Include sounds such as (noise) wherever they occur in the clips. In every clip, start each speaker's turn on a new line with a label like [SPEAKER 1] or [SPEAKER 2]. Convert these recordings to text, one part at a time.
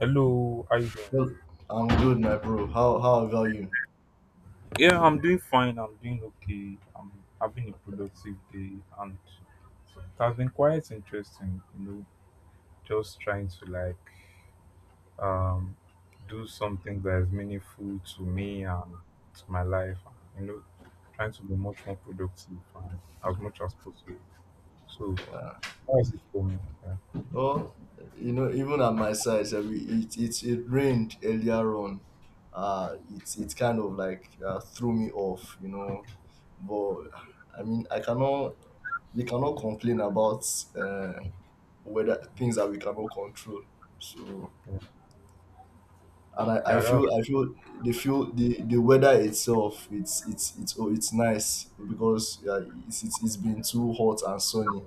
[SPEAKER 1] Hello, how you doing?
[SPEAKER 2] Well, I'm good, my bro. How about you?
[SPEAKER 1] Yeah, I'm doing fine. I'm doing okay. I'm having a productive day, and it has been quite interesting. You know, just trying to like um do something that is meaningful to me and to my life. You know, trying to be much more productive and as much as possible. So
[SPEAKER 2] Uh,
[SPEAKER 1] that's it for me. Yeah,
[SPEAKER 2] oh, even at my side, sha, it rained earlier on. It kind of like threw me off. But I mean, I cannot we cannot complain about uh, weather things that we cannot control. So,
[SPEAKER 1] yeah,
[SPEAKER 2] and I
[SPEAKER 1] yeah that was,
[SPEAKER 2] feel, I feel the weather itself, it's nice, because it's been too hot and sunny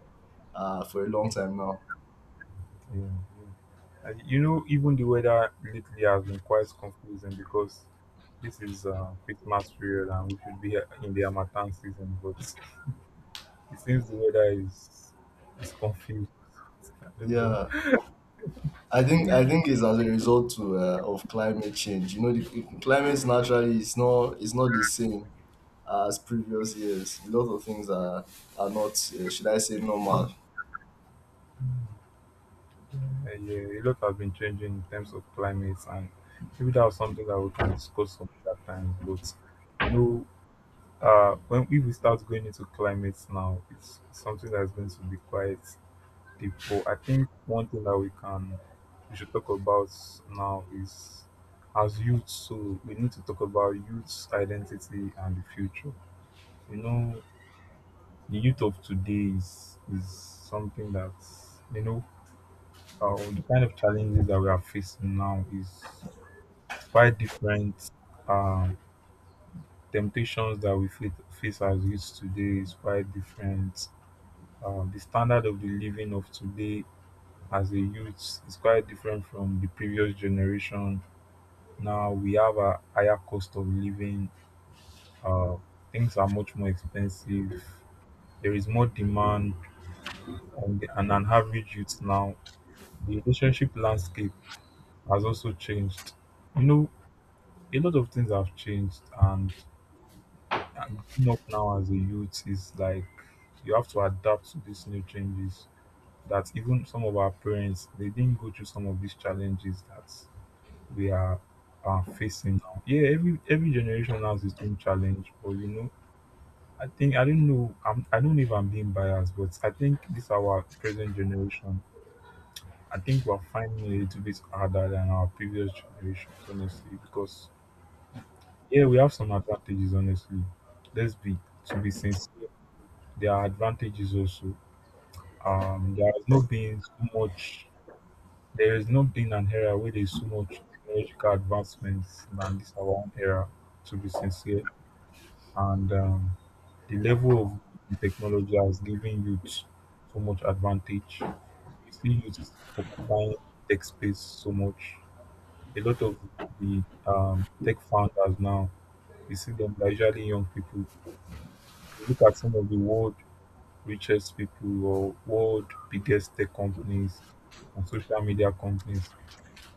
[SPEAKER 2] for a long time now.
[SPEAKER 1] yeah. Yeah. And you know, even the weather lately has been quite confusing because this is Christmas period and we should be in the Harmattan season, but it seems the weather is confused. (laughs) I don't know.
[SPEAKER 2] Yeah, I think it's as a result to, of climate change. You know, the climate naturally is not, is not the same as previous years. A lot of things are not, should I say, normal.
[SPEAKER 1] Yeah, a lot has been changing in terms of climate, and maybe that's something that we can discuss some other times. But you know, when if we start going into climates now, it's something that's going to be quite people. I think one thing that we should talk about now is as youth, so we need to talk about youth's identity and the future. You know, the youth of today is something that you know the kind of challenges that we are facing now is quite different. Um, temptations that we face as youth today is quite different. The standard of the living of today as a youth is quite different from the previous generation. Now we have a higher cost of living. Uh, things are much more expensive. There is more demand, and an average youth now. The relationship landscape has also changed. You know, a lot of things have changed, and growing up now as a youth is like you have to adapt to these new changes. That even some of our parents they didn't go through some of these challenges that we are facing now. Yeah, every generation has its own challenge, but you know, I think I don't know. I don't know if I'm being biased, but I think this our present generation. I think we're finding it a little bit harder than our previous generations, honestly, because yeah, we have some advantages, honestly. Let's be to be sincere. There are advantages also. There has not been so much. There has not been an era where there's so much technological advancements than this our own era. To be sincere, and the level of technology has given youth so much advantage. You see youth occupying tech space so much. A lot of the tech founders now, you see them they're usually young people. You look at some of the world richest people or world biggest tech companies and social media companies.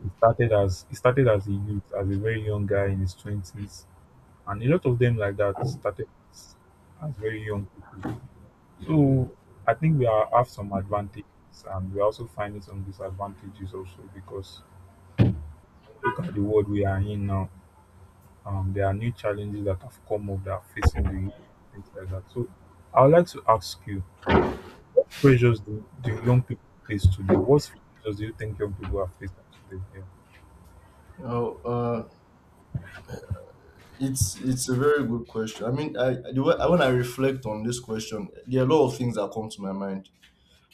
[SPEAKER 1] It started as a youth, as a very young guy in his twenties, and a lot of them like that started as as very young people. So I think we are, have some advantages and we're also finding some disadvantages also because look at the world we are in now. There are new challenges that have come up that are facing the youth, things like that. So I would like to ask you, what pressures do young people face today? What pressures do you think young people are facing today? Yeah,
[SPEAKER 2] Oh. uh, it's a very good question. I mean, when I reflect on this question, there are a lot of things that come to my mind.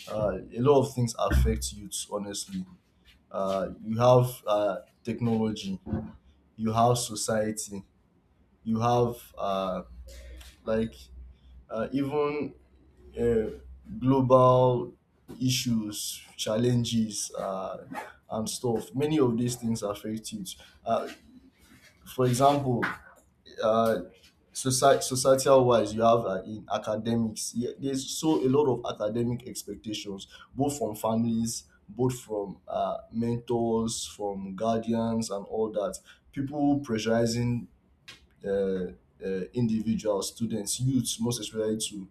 [SPEAKER 2] A lot of things affect youths. Honestly, you have, technology, you have society, you have, like, even, uh, global issues, challenges, and stuff. Many of these things affect youths. Uh, for example, uh, societal wise, you have, in academics, yeah, there's so a lot of academic expectations, both from families, both from, mentors, from guardians, and all that, people pressurizing, uh, individuals, students, youths, most especially to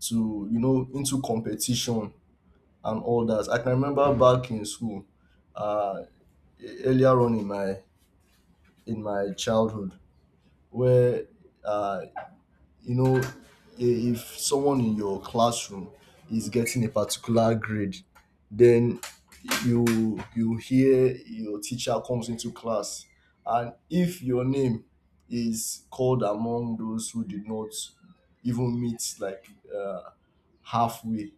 [SPEAKER 2] into competition and all that. I can remember back in school, uh, earlier on in my, in my childhood, where, uh, you know i- if someone in your classroom is getting a particular grade, then you hear your teacher comes into class, and if your name is called among those who did not even meet, like, uh, halfway,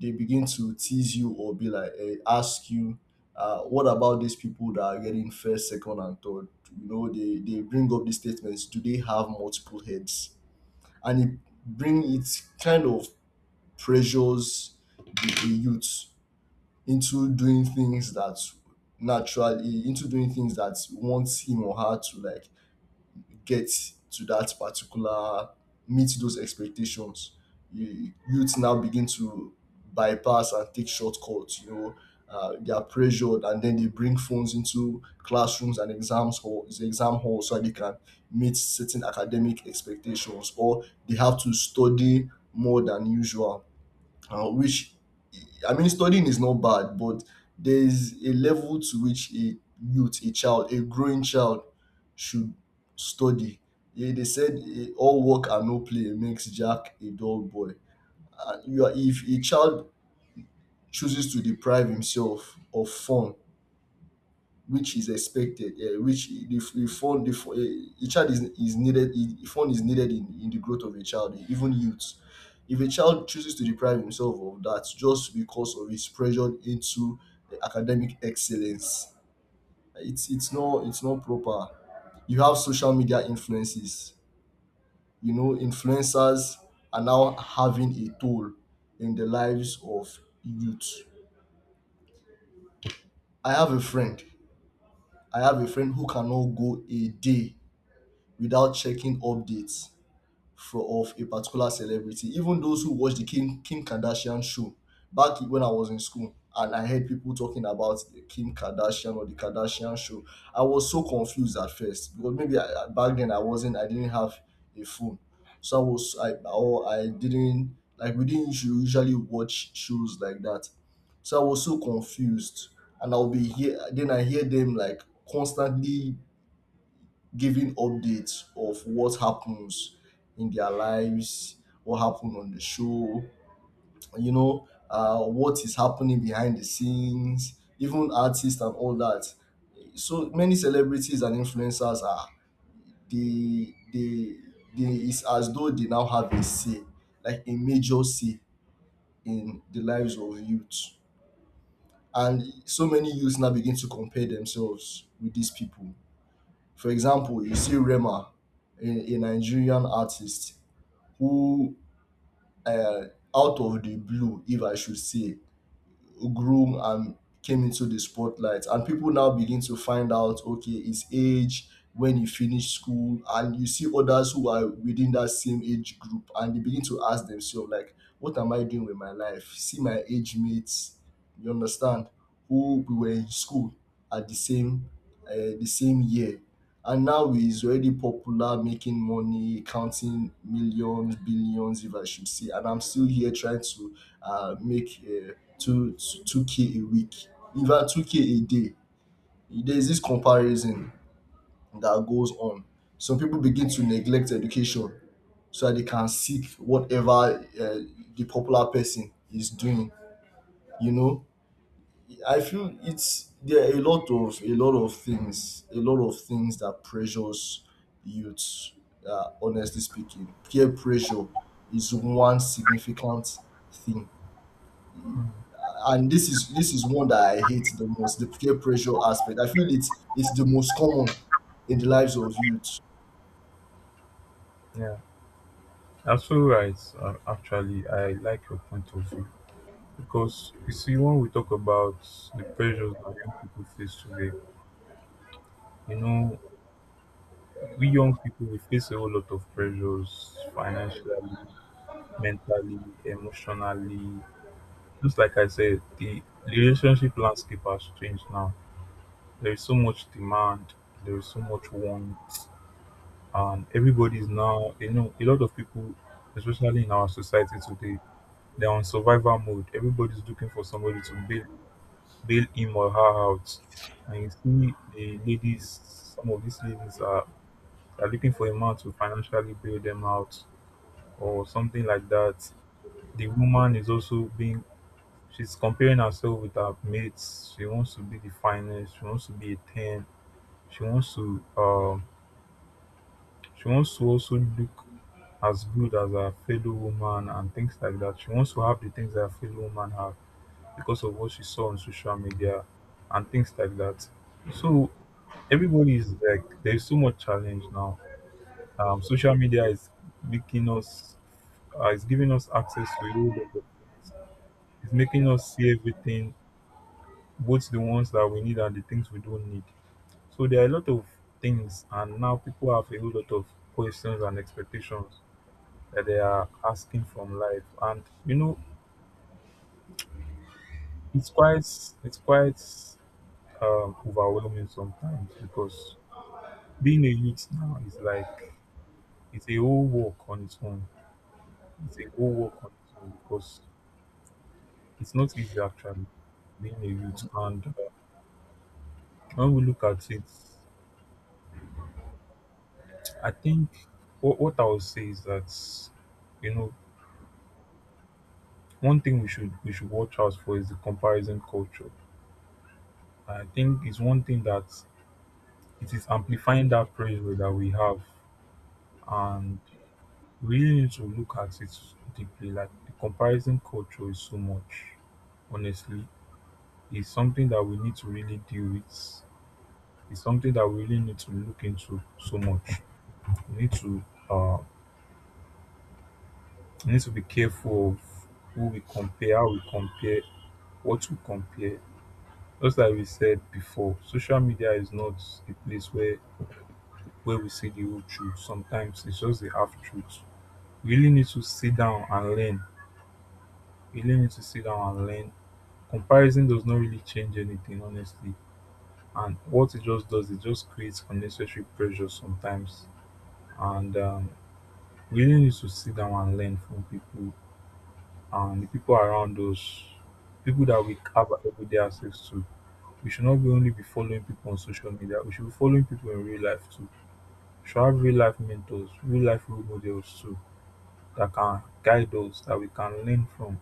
[SPEAKER 2] they begin to tease you or be like, eh, ask you, what about these people that are getting first, second, and third. You know, they bring up these statements: do they have multiple heads? And it, bring, it kind of pressures the youth into doing things that, naturally, into doing things that wants him or her to like get to that particular, meet those expectations. Youth now begin to bypass and take shortcuts, you know. They are pressured, and then they bring phones into classrooms and exam hall so that they can meet certain academic expectations, or they have to study more than usual, which, I mean, studying is not bad, but there is a level to which a youth, a child, a growing child should study. Yeah, they said, eh, all work and no play makes Jack a dull boy. If a child chooses to deprive himself of fun, which is expected, which the fund the, fu- eh, a child is needed, the fund is needed in the growth of a child, even youth. If a child chooses to deprive himself of that just because of his pressure into, eh, academic excellence, it's not proper. You have social media influences. You know, influencers are now having a toll in the lives of youth. I have a friend. I have a friend who cannot go a day without checking updates for of a particular celebrity. Even those who watch the Kim Kardashian show, back when I was in school and I heard people talking about the Kim Kardashian or the Kardashian show, I was so confused at first, because maybe, back then, I didn't have a phone, so I was I or I didn't, like, we didn't usually watch shows like that, so I was so confused, and I'll be here, then I hear them, like, constantly giving updates of what happens in their lives, what happened on the show, what is happening behind the scenes, even artists and all that. So many celebrities and influencers, are they they they it's as though they now have a say, like a major say, in the lives of youth. And so many youths now begin to compare themselves with these people. For example, you see Rema, a Nigerian artist who, uh, out of the blue, if I should say, grew and came into the spotlight. And people now begin to find out, okay, his age, when he finished school, and you see others who are within that same age group, and they begin to ask themselves, like, what am I doing with my life? See my age mates, you understand, who we were in school at the same year, and now he's already popular, making money, counting millions, billions, if I should say. And I'm still here trying to, make, two 2K a week, even 2K a day. There's this comparison that goes on. Some people begin to neglect education so that they can seek whatever, the popular person is doing. You know, I feel it's there are a lot of things that pressures youths. Honestly speaking, peer pressure is one significant thing, and this is one that I hate the most. The peer pressure aspect. I feel it's the most common in the lives of youth.
[SPEAKER 1] yeah. That's so right. Actually, I like your point of view because you see, when we talk about the pressures that young people face today, you know, we young people we face a whole lot of pressures financially, mentally, emotionally. Just like I said, the relationship landscape has changed now. There is so much demand, there is so much want, and everybody is now, you know, a lot of people, especially in our society today, they're on survival mode. Everybody's looking for somebody to bail him or her out. And you see the ladies, some of these ladies are, looking for a man to financially bail them out or something like that. The woman is also being, she's comparing herself with her mates. She wants to be the finest. She wants to be a 10. She wants to also look as good as her fellow woman and things like that. She wants to have the things that her fellow woman have because of what she saw on social media and things like that. So everybody is like there's so much challenge now. Social media is making us, is giving us access to a whole lot of things. It's making us see everything, both the ones that we need and the things we don't need. So there are a lot of things, and now people have a whole lot of questions and expectations that they are asking from life, and you know it's quite it's quite, overwhelming sometimes because being a youth now is like it's a whole work on its own. It's a whole work on its own because it's not easy actually being a youth, and when we look at it I think what I would say is that you know one thing we should watch out for is the comparison culture. I think it's one thing that it is amplifying that pressure that we have, and we really need to look at it deeply. Like the comparison culture is so much, honestly, it's something that we need to really deal with. It's something that we really need to look into so much. We need uh, to be careful of who we compare, how we compare, what to compare? Just like we said before, social media is not a place where we see the whole truth. Sometimes it's just the half truth. We really need to sit down and learn. We really need to sit down and learn. Comparison does not really change anything, honestly. And what it just does, it just creates unnecessary pressure sometimes. And we really need to sit down and learn from people and the people around us, people that we have everyday access to. We should not be only be following people on social media, we should be following people in real life too. We should have real life mentors, real life role models too that can guide us, that we can learn from.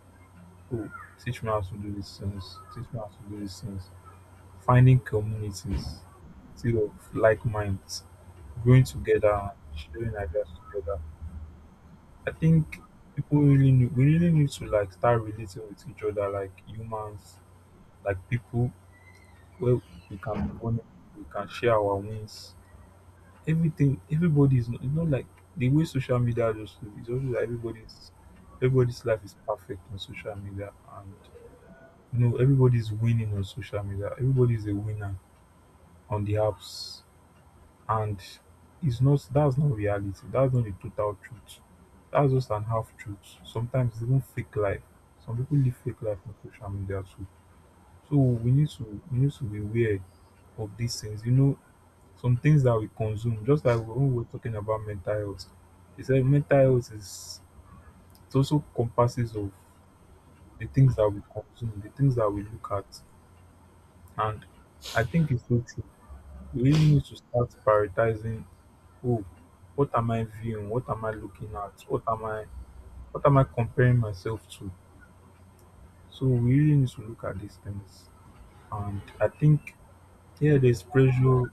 [SPEAKER 1] Oh, teach me how to do these things, teach me how to do these things. Finding communities still of like minds, growing together and sharing ideas together. I think people really need, we really need to like start relating with each other like humans, like people where we can bond, we can share our wins. Everything, everybody is not, it's not like the way social media just live, it's also like everybody's life is perfect on social media, and you know everybody's winning on social media, everybody's a winner on the apps. And it's not, that's not reality, that's not the total truth, that's just an half truth. Sometimes it's even fake life, some people live fake life on social media too. So we need to be aware of these things, you know, some things that we consume, just like when we're talking about mental health, he said mental health is it also comprises of the things that we consume, the things that we look at. And I think it's so true. We really need to start prioritizing. Oh, what am I viewing? What am I looking at? What am I comparing myself to? So we really need to look at these things. And I think yeah, there's pressure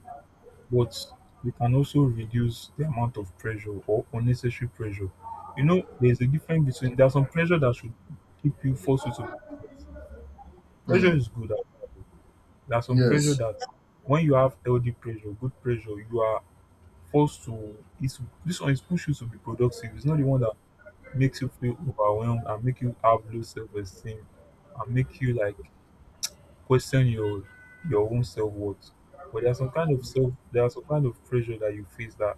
[SPEAKER 1] but we can also reduce the amount of pressure or unnecessary pressure. You know, there's a difference between there's some pressure that should keep you, force you to. Pressure is good, actually. There's some pressure
[SPEAKER 2] Yes.
[SPEAKER 1] that when you have healthy pressure, good pressure, you are forced to, it's this one is push you to be productive. It's not the one that makes you feel overwhelmed and make you have low self esteem and make you like question your own self-worth. But there's some kind of pressure that you face that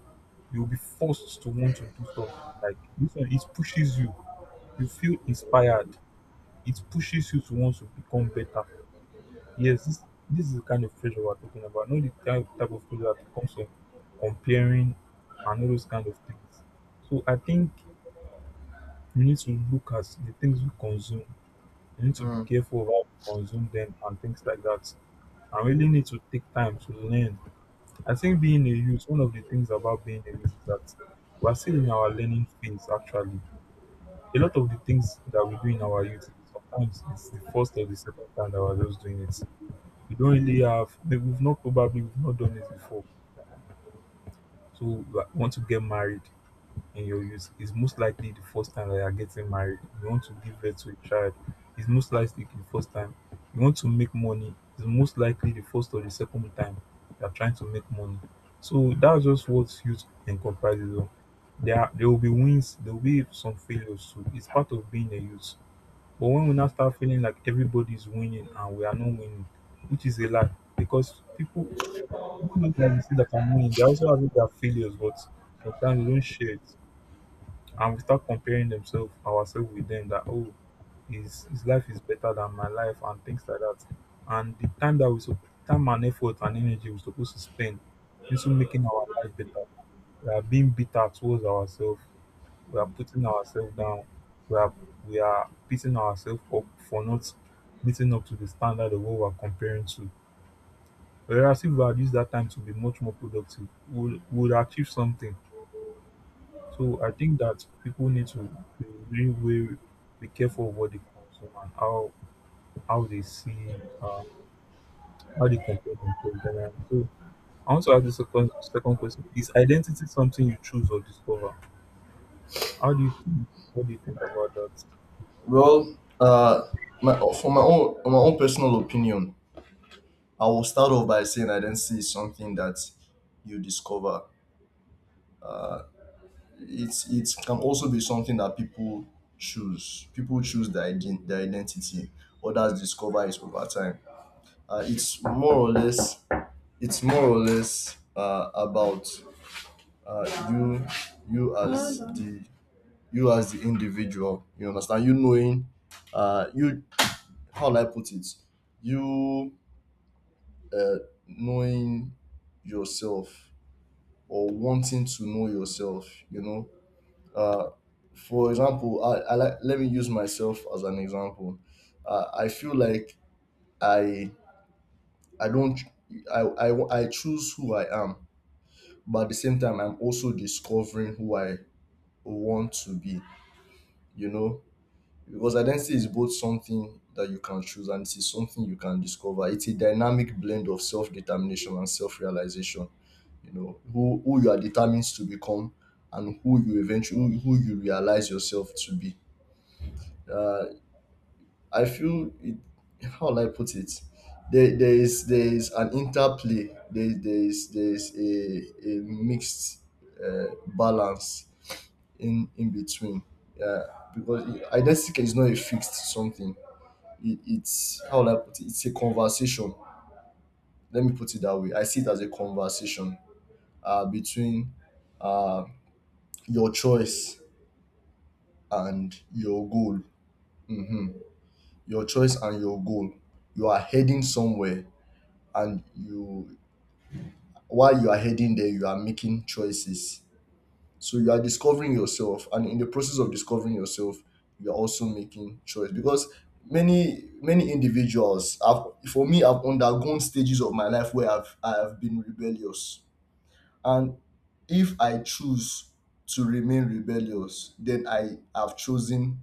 [SPEAKER 1] you'll be forced to want to do something. Like this one, it pushes you. You feel inspired. It pushes you to want to become better. Yes, this is the kind of pressure we're talking about. Not the kind of type of pressure that comes from comparing and all those kind of things. So I think you need to look at the things we consume. You need to be
[SPEAKER 2] Mm.
[SPEAKER 1] careful about how we consume them and things like that. I really need to take time to learn. I think being a youth, one of the things about being a youth is that we're still in our learning phase actually. A lot of the things that we do in our youth, sometimes it's the first or the second time that we're just doing it. We don't really have, we've not done it before. So, like, want to get married. In your youth, it's most likely the first time that you're getting married. You want to give birth to a child, it's most likely the first time. You want to make money, it's most likely the first or the second time you're trying to make money. So that's just what youth encompasses. Of. There will be wins, there will be some failures too. It's part of being a youth. But when we now start feeling like everybody's winning and we are not winning, which is a lie, because people know that we see that are winning, they also have their failures, but sometimes they don't share it. And we start comparing themselves ourselves with them, that oh, his life is better than my life and things like that. And the time that we so time and effort and energy we're supposed to spend into making our life better, we are being bitter towards ourselves, we are putting ourselves down, we are we are beating ourselves up for not meeting up to the standard of what we're comparing to. Whereas if we had used that time to be much more productive, we would achieve something. So I think that people need to be really way be careful of what they consume and how they see, uh, how they compare themselves generally. So I want to ask the second question: is identity something you choose or discover? How do you think, what do you think about that?
[SPEAKER 2] Well, my for my own personal opinion, I will start off by saying I don't see something that you discover. It can also be something that people choose. People choose their identity. Others discover it over time. It's more or less. It's more or less, about, uh, you you as the you as the individual. You understand? You knowing, you, how do I put it? You uh, knowing yourself, or wanting to know yourself. You know. Uh, for example, I like let me use myself as an example. I feel like I I don't I choose who I am, but at the same time I'm also discovering who I want to be. You know, because identity is both something that you can choose and it is something you can discover. It's a dynamic blend of self determination and self realization. You know who you are determined to become, and who you eventually, who you realize yourself to be. Uh, I feel it. How will I put it? There is an interplay. There is a mixed, balance in between. Yeah, because identity is not a fixed something. It's, how will I put it? It's a conversation. Let me put it that way. I see it as a conversation, between, uh, your choice and your goal. Hmm. Your choice and your goal. You are heading somewhere, and you while you are heading there, you are making choices, so you are discovering yourself, and in the process of discovering yourself you are also making choice, because many individuals have, for me, I've undergone stages of my life where I have been rebellious, and if I choose to remain rebellious, then I have chosen,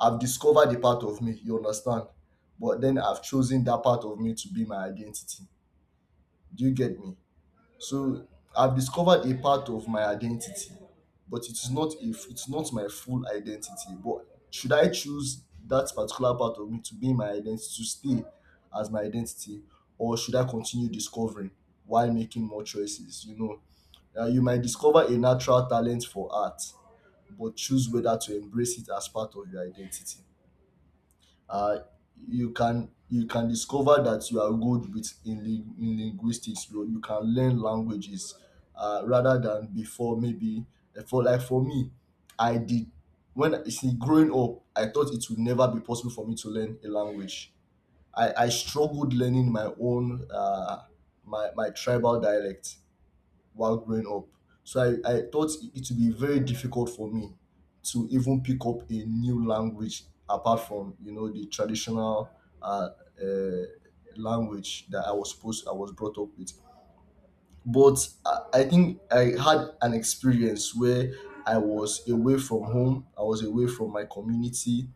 [SPEAKER 2] I've discovered a part of me, you understand. But then I've chosen that part of me to be my identity. Do you get me? So, I've discovered a part of my identity, but it's not a, it's not my full identity. But should I choose that particular part of me to be my identity to stay as my identity, or should I continue discovering while making more choices? You know, you might discover a natural talent for art, but choose whether to embrace it as part of your identity. uh, you can discover that you are good with, in linguistics, you can learn languages, rather than before, maybe, for, like, for me I did, when you see, growing up I thought it would never be possible for me to learn a language. I struggled learning my own, my tribal dialect, while growing up. So I thought it would be very difficult for me to even pick up a new language, apart from, you know, the traditional, uh, uh, language that I was brought up with. But I think I had an experience where I was away from home. I was away from my community.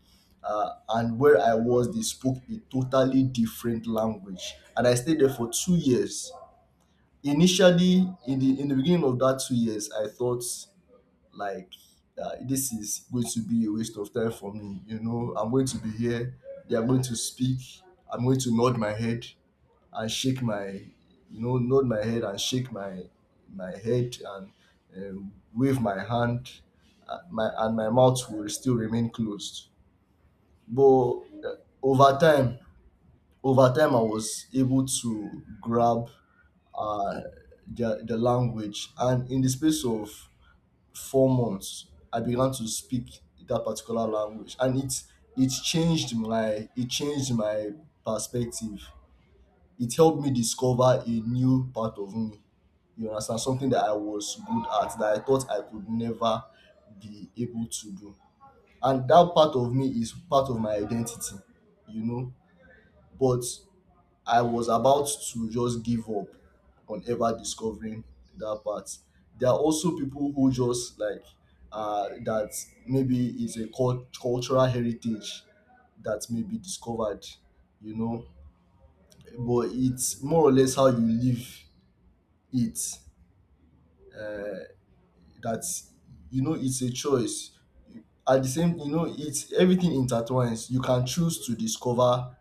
[SPEAKER 2] And where I was, they spoke a totally different language. And I stayed there for 2 years. Initially, in the beginning of that 2 years, I thought like this is going to be a waste of time for me. I'm going to be here, they are going to speak, I'm going to nod my head and shake my, nod my head and shake my my head and wave my hand, my and my mouth will still remain closed. But uh, over time, over time I was able to grab uh, the language. And in the space of 4 months, I began to speak that particular language, and it changed my perspective. It helped me discover a new part of me. You understand, something that I was good at that I thought I could never be able to do, and that part of me is part of my identity. You know, but I was about to just give up on ever discovering that part. There are also people who just like that maybe is a cultural heritage that may be discovered, you know. But it's more or less how you live it, uh, that, you know, it's a choice. At the same, you know, it's everything intertwines. You can choose to discover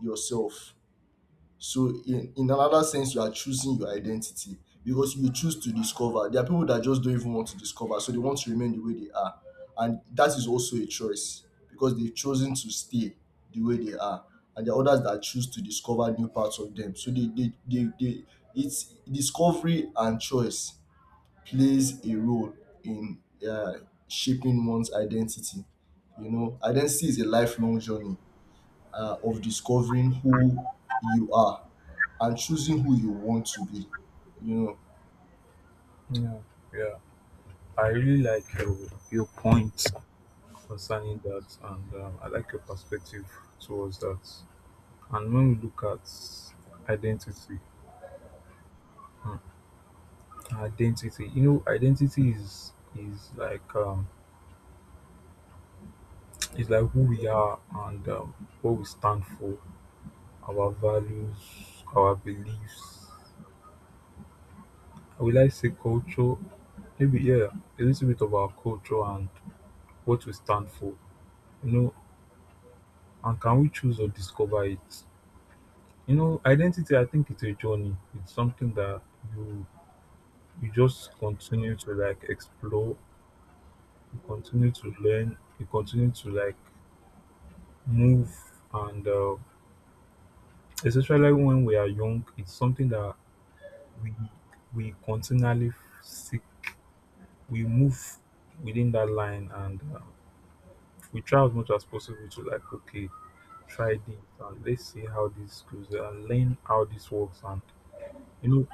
[SPEAKER 2] yourself. So in another sense, you are choosing your identity because you choose to discover. There are people that just don't even want to discover, so they want to remain the way they are, and that is also a choice because they've chosen to stay the way they are. And there are others that choose to discover new parts of them. So they it's discovery and choice plays a role in uh, shaping one's identity. You know, identity is a lifelong journey of discovering who you are and choosing who you want to be. You know.
[SPEAKER 1] Yeah, yeah. I really like your point concerning that, and I like your perspective towards that. And when we look at identity. Identity. You know, identity is like um is like who we are, and what we stand for, our values, our beliefs. Will I say culture? Maybe, yeah, a little bit of our culture and what we stand for. You know, and can we choose or discover it? You know, identity. I think it's a journey. It's something that you you just continue to like explore. You continue to learn. You continue to like move, and especially when we are young, it's something that we we continually seek. We move within that line, and we try as much as possible to like, okay, try this, and let's see how this goes, and learn how this works, and you know,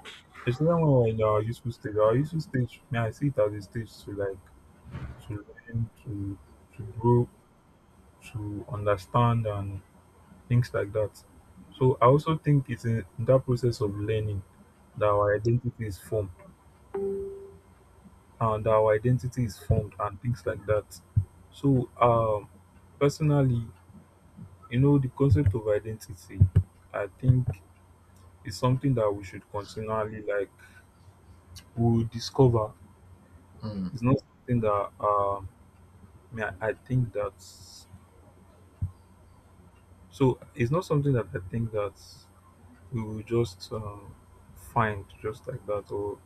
[SPEAKER 1] especially when we're in our useful stage. Our useful stage, may I see it as a stage to like to learn, to grow, to understand, and things like that. So I also think it's in that process of learning that our identity is formed and our identity is formed and things like that. So personally, the concept of identity, I think, is something that we should continually like we discover.
[SPEAKER 2] Mm.
[SPEAKER 1] It's not something that I mean, I think that, it's not something that I think that we will just find just like that or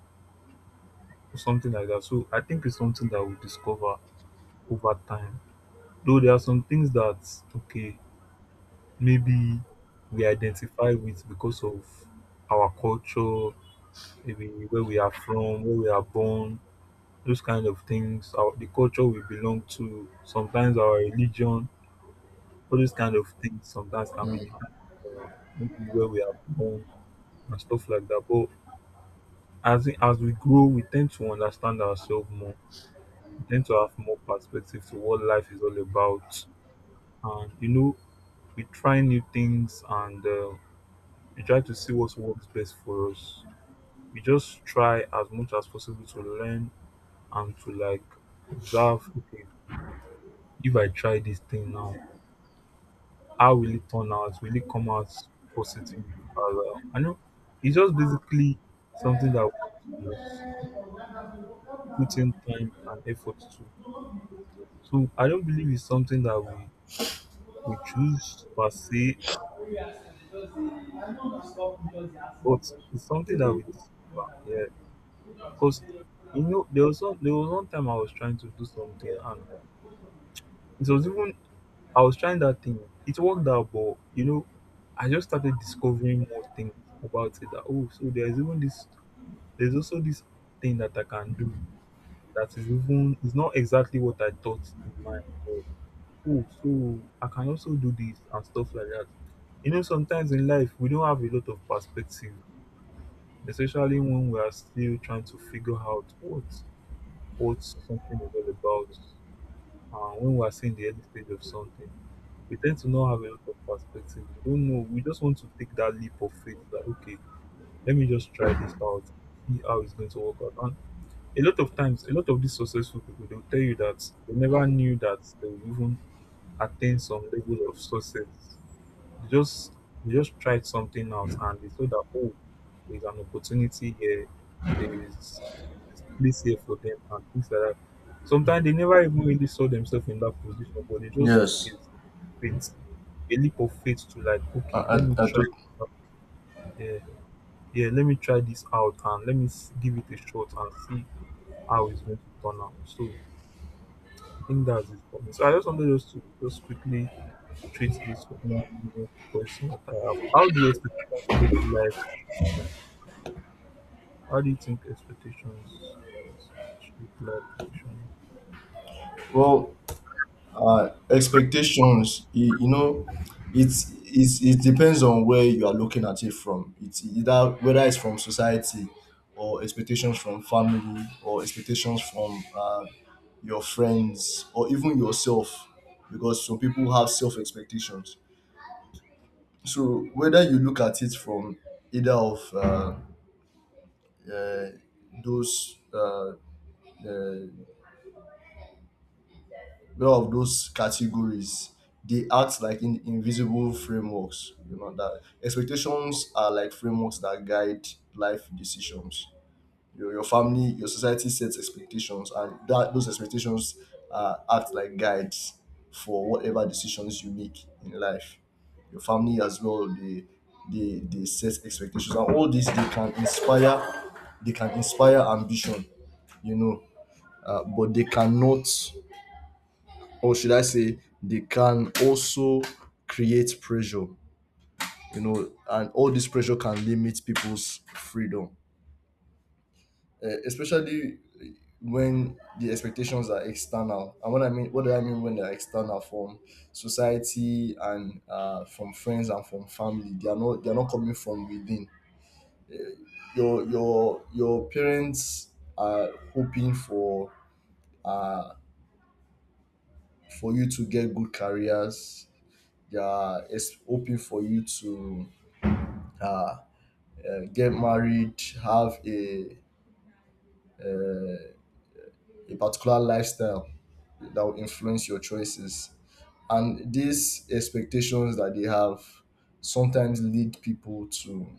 [SPEAKER 1] or something like that. So I think it's something that we discover over time. Though there are some things that, okay, maybe we identify with because of our culture, maybe where we are from, where we are born, those kind of things, the culture we belong to, sometimes our religion, all those kind of things sometimes can be different, or maybe where we are born and stuff like that. But as we grow, we tend to understand ourselves more. We tend to have more perspective to what life is all about. And we try new things, and we try to see what works best for us. We just try as much as possible to learn and to like observe. Okay, if I try this thing now, how will it turn out? Will it come out positive? As well? I know it's just basically something that we just put in time and effort to. So I don't believe it's something that we choose per se. But it's something that we discover, yeah. Because there was one time I was trying to do something, and it was even I was trying that thing. It worked out, but I just started discovering more things about it. That oh, so there's even this. There's also this thing that I can do that is not exactly what I thought in mind. But, oh, so I can also do this and stuff like that. You know, sometimes in life, we don't have a lot of perspective, especially when we are still trying to figure out what something is all about. And when we are still in the early stage of something, we tend to not have a lot of perspective. We don't know. We just want to take that leap of faith, that okay, let me just try this out, see how it's going to work out. And a lot of times, a lot of these successful people, they'll tell you that they never knew that they would even attain some level of success. you just you just tried something out and you saw that oh, there's an opportunity here, there is there's place here for them and things like that. Sometimes they never even really saw themselves in that position, but they just took
[SPEAKER 2] Yes.
[SPEAKER 1] faith, a leap of faith, to like,
[SPEAKER 2] I,
[SPEAKER 1] okay,
[SPEAKER 2] I,
[SPEAKER 1] let me
[SPEAKER 2] I
[SPEAKER 1] try
[SPEAKER 2] tot-
[SPEAKER 1] this out. Yeah, yeah, let me try this out and let me give it a shot and see how it's going to turn out. So I think that's it for me. So I just wanted just to just quickly treat this one more question that I have. How do expectations shape life decisions? How do you think expectations shape life decisions?
[SPEAKER 2] well, expectations. You know, it depends on where you are looking at it from. It's either whether it's from society, or expectations from family, or expectations from your friends, or even yourself, because some people have self expectations. So whether you look at it from either of uh, those, uh, well, of those categories, they act like invisible frameworks. You know that expectations are like frameworks that guide life decisions. Your family, your society sets expectations, and that those expectations act like guides for whatever decisions you make in life. Your family as well, they set expectations, and all this, they can inspire ambition, you know, but they cannot, or should I say, they can also create pressure, you know, and all this pressure can limit people's freedom, especially when the expectations are external. And what I mean, what do I mean when they're external from society and from friends and from family? They are not coming from within. Uh, your parents are hoping for, uh, for you to get good careers. They are hoping for you to uh, get married, have uh, a particular lifestyle that will influence your choices. And these expectations that they have sometimes lead people to,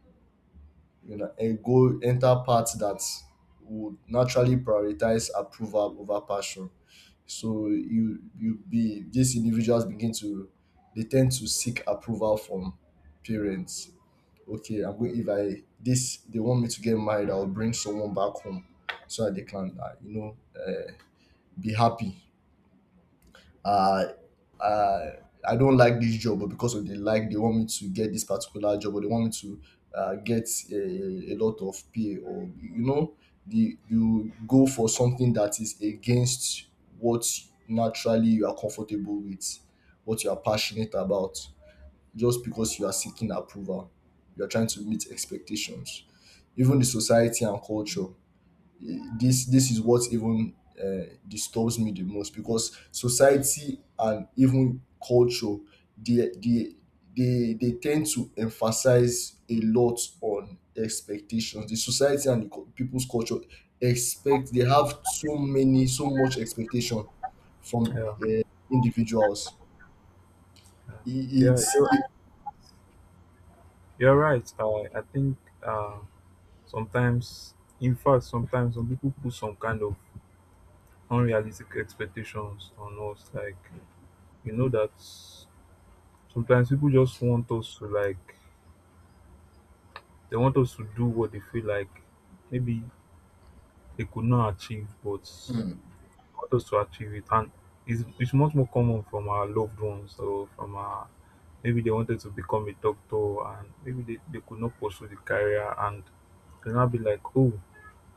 [SPEAKER 2] you know, eh, go enter paths that would naturally prioritize approval over passion. So you be these individuals begin to, they tend to seek approval from parents. Okay, I'm going if I this they want me to get married, I'll bring someone back home so that they can you know, be happy. uh, uh, I don't like this job, but because of the, like, they want me to get this particular job, or they want me to get a lot of pay, or you know, the, you go for something that is against what naturally you are comfortable with, what you are passionate about, just because you are seeking approval, you are trying to meet expectations. Even the society and culture, this is what even disturbs me the most, because society and even culture, they they they tend to emphasize a lot on expectations. The society and the people's culture expect, they have so many, so much expectation from
[SPEAKER 1] Yeah,
[SPEAKER 2] individuals.
[SPEAKER 1] yeah,
[SPEAKER 2] I-
[SPEAKER 1] yeah.
[SPEAKER 2] it's
[SPEAKER 1] You're,
[SPEAKER 2] it,
[SPEAKER 1] you're right. I think, sometimes, in fact, sometimes some people put some kind of unrealistic expectations on us. Like, you know that sometimes people just want us to do what they feel like. Maybe they could not achieve, but want us to achieve it. And it's much more common from our loved ones, or from our maybe they wanted to become a doctor, and maybe they could not pursue the career, and they'll now be like, oh,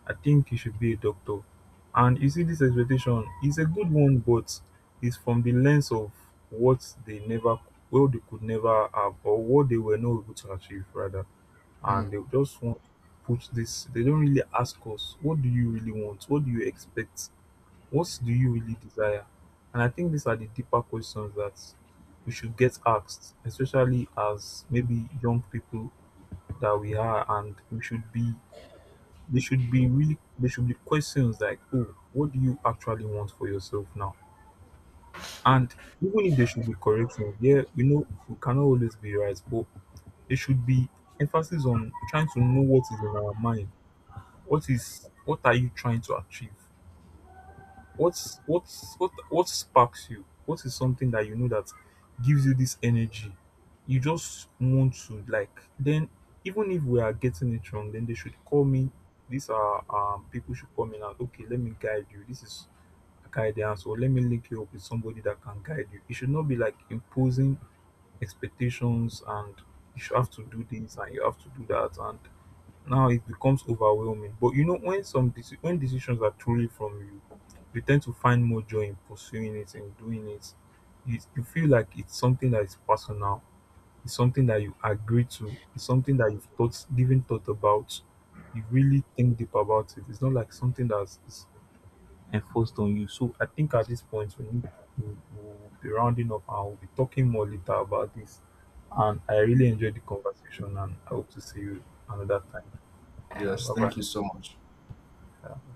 [SPEAKER 1] I think you should be a doctor. And you see, this expectation is a good one, but it's from the lens of what they never, well, they could never have, or what they were not able to achieve, rather.
[SPEAKER 2] Hmm.
[SPEAKER 1] And they just want to put this. They don't really ask us, what do you really want, what do you expect, what do you really desire? And I think these are the deeper questions that we should get asked, especially as maybe young people that we are, and we should be they should be really they should be questions like, oh, what do you actually want for yourself now? And even if there should be corrections, yeah, we know we cannot always be right, but there should be emphasis on trying to know what is in our mind. What are you trying to achieve? What sparks you? What is something that you know that gives you this energy? You just want to like, then even if we are getting it wrong, then they should call me. These are, people should come in and, okay, let me guide you. This is a guidance, or let me link you up with somebody that can guide you. It should not be like imposing expectations, and you should have to do this, and you have to do that, and now it becomes overwhelming. But when when decisions are truly from you, you tend to find more joy in pursuing it and doing it. You feel like it's something that is personal, it's something that you agree to, it's something that you've thought given thought about, you really think deep about it, it's not like something that's is enforced on you. So I think at this point, we need to we'll be rounding up, and we'll be talking more later about this. And I really enjoyed the conversation, and I hope to see you another time. Yeah,
[SPEAKER 2] Yes,
[SPEAKER 1] bye bye.
[SPEAKER 2] thank you so much.
[SPEAKER 1] Yeah.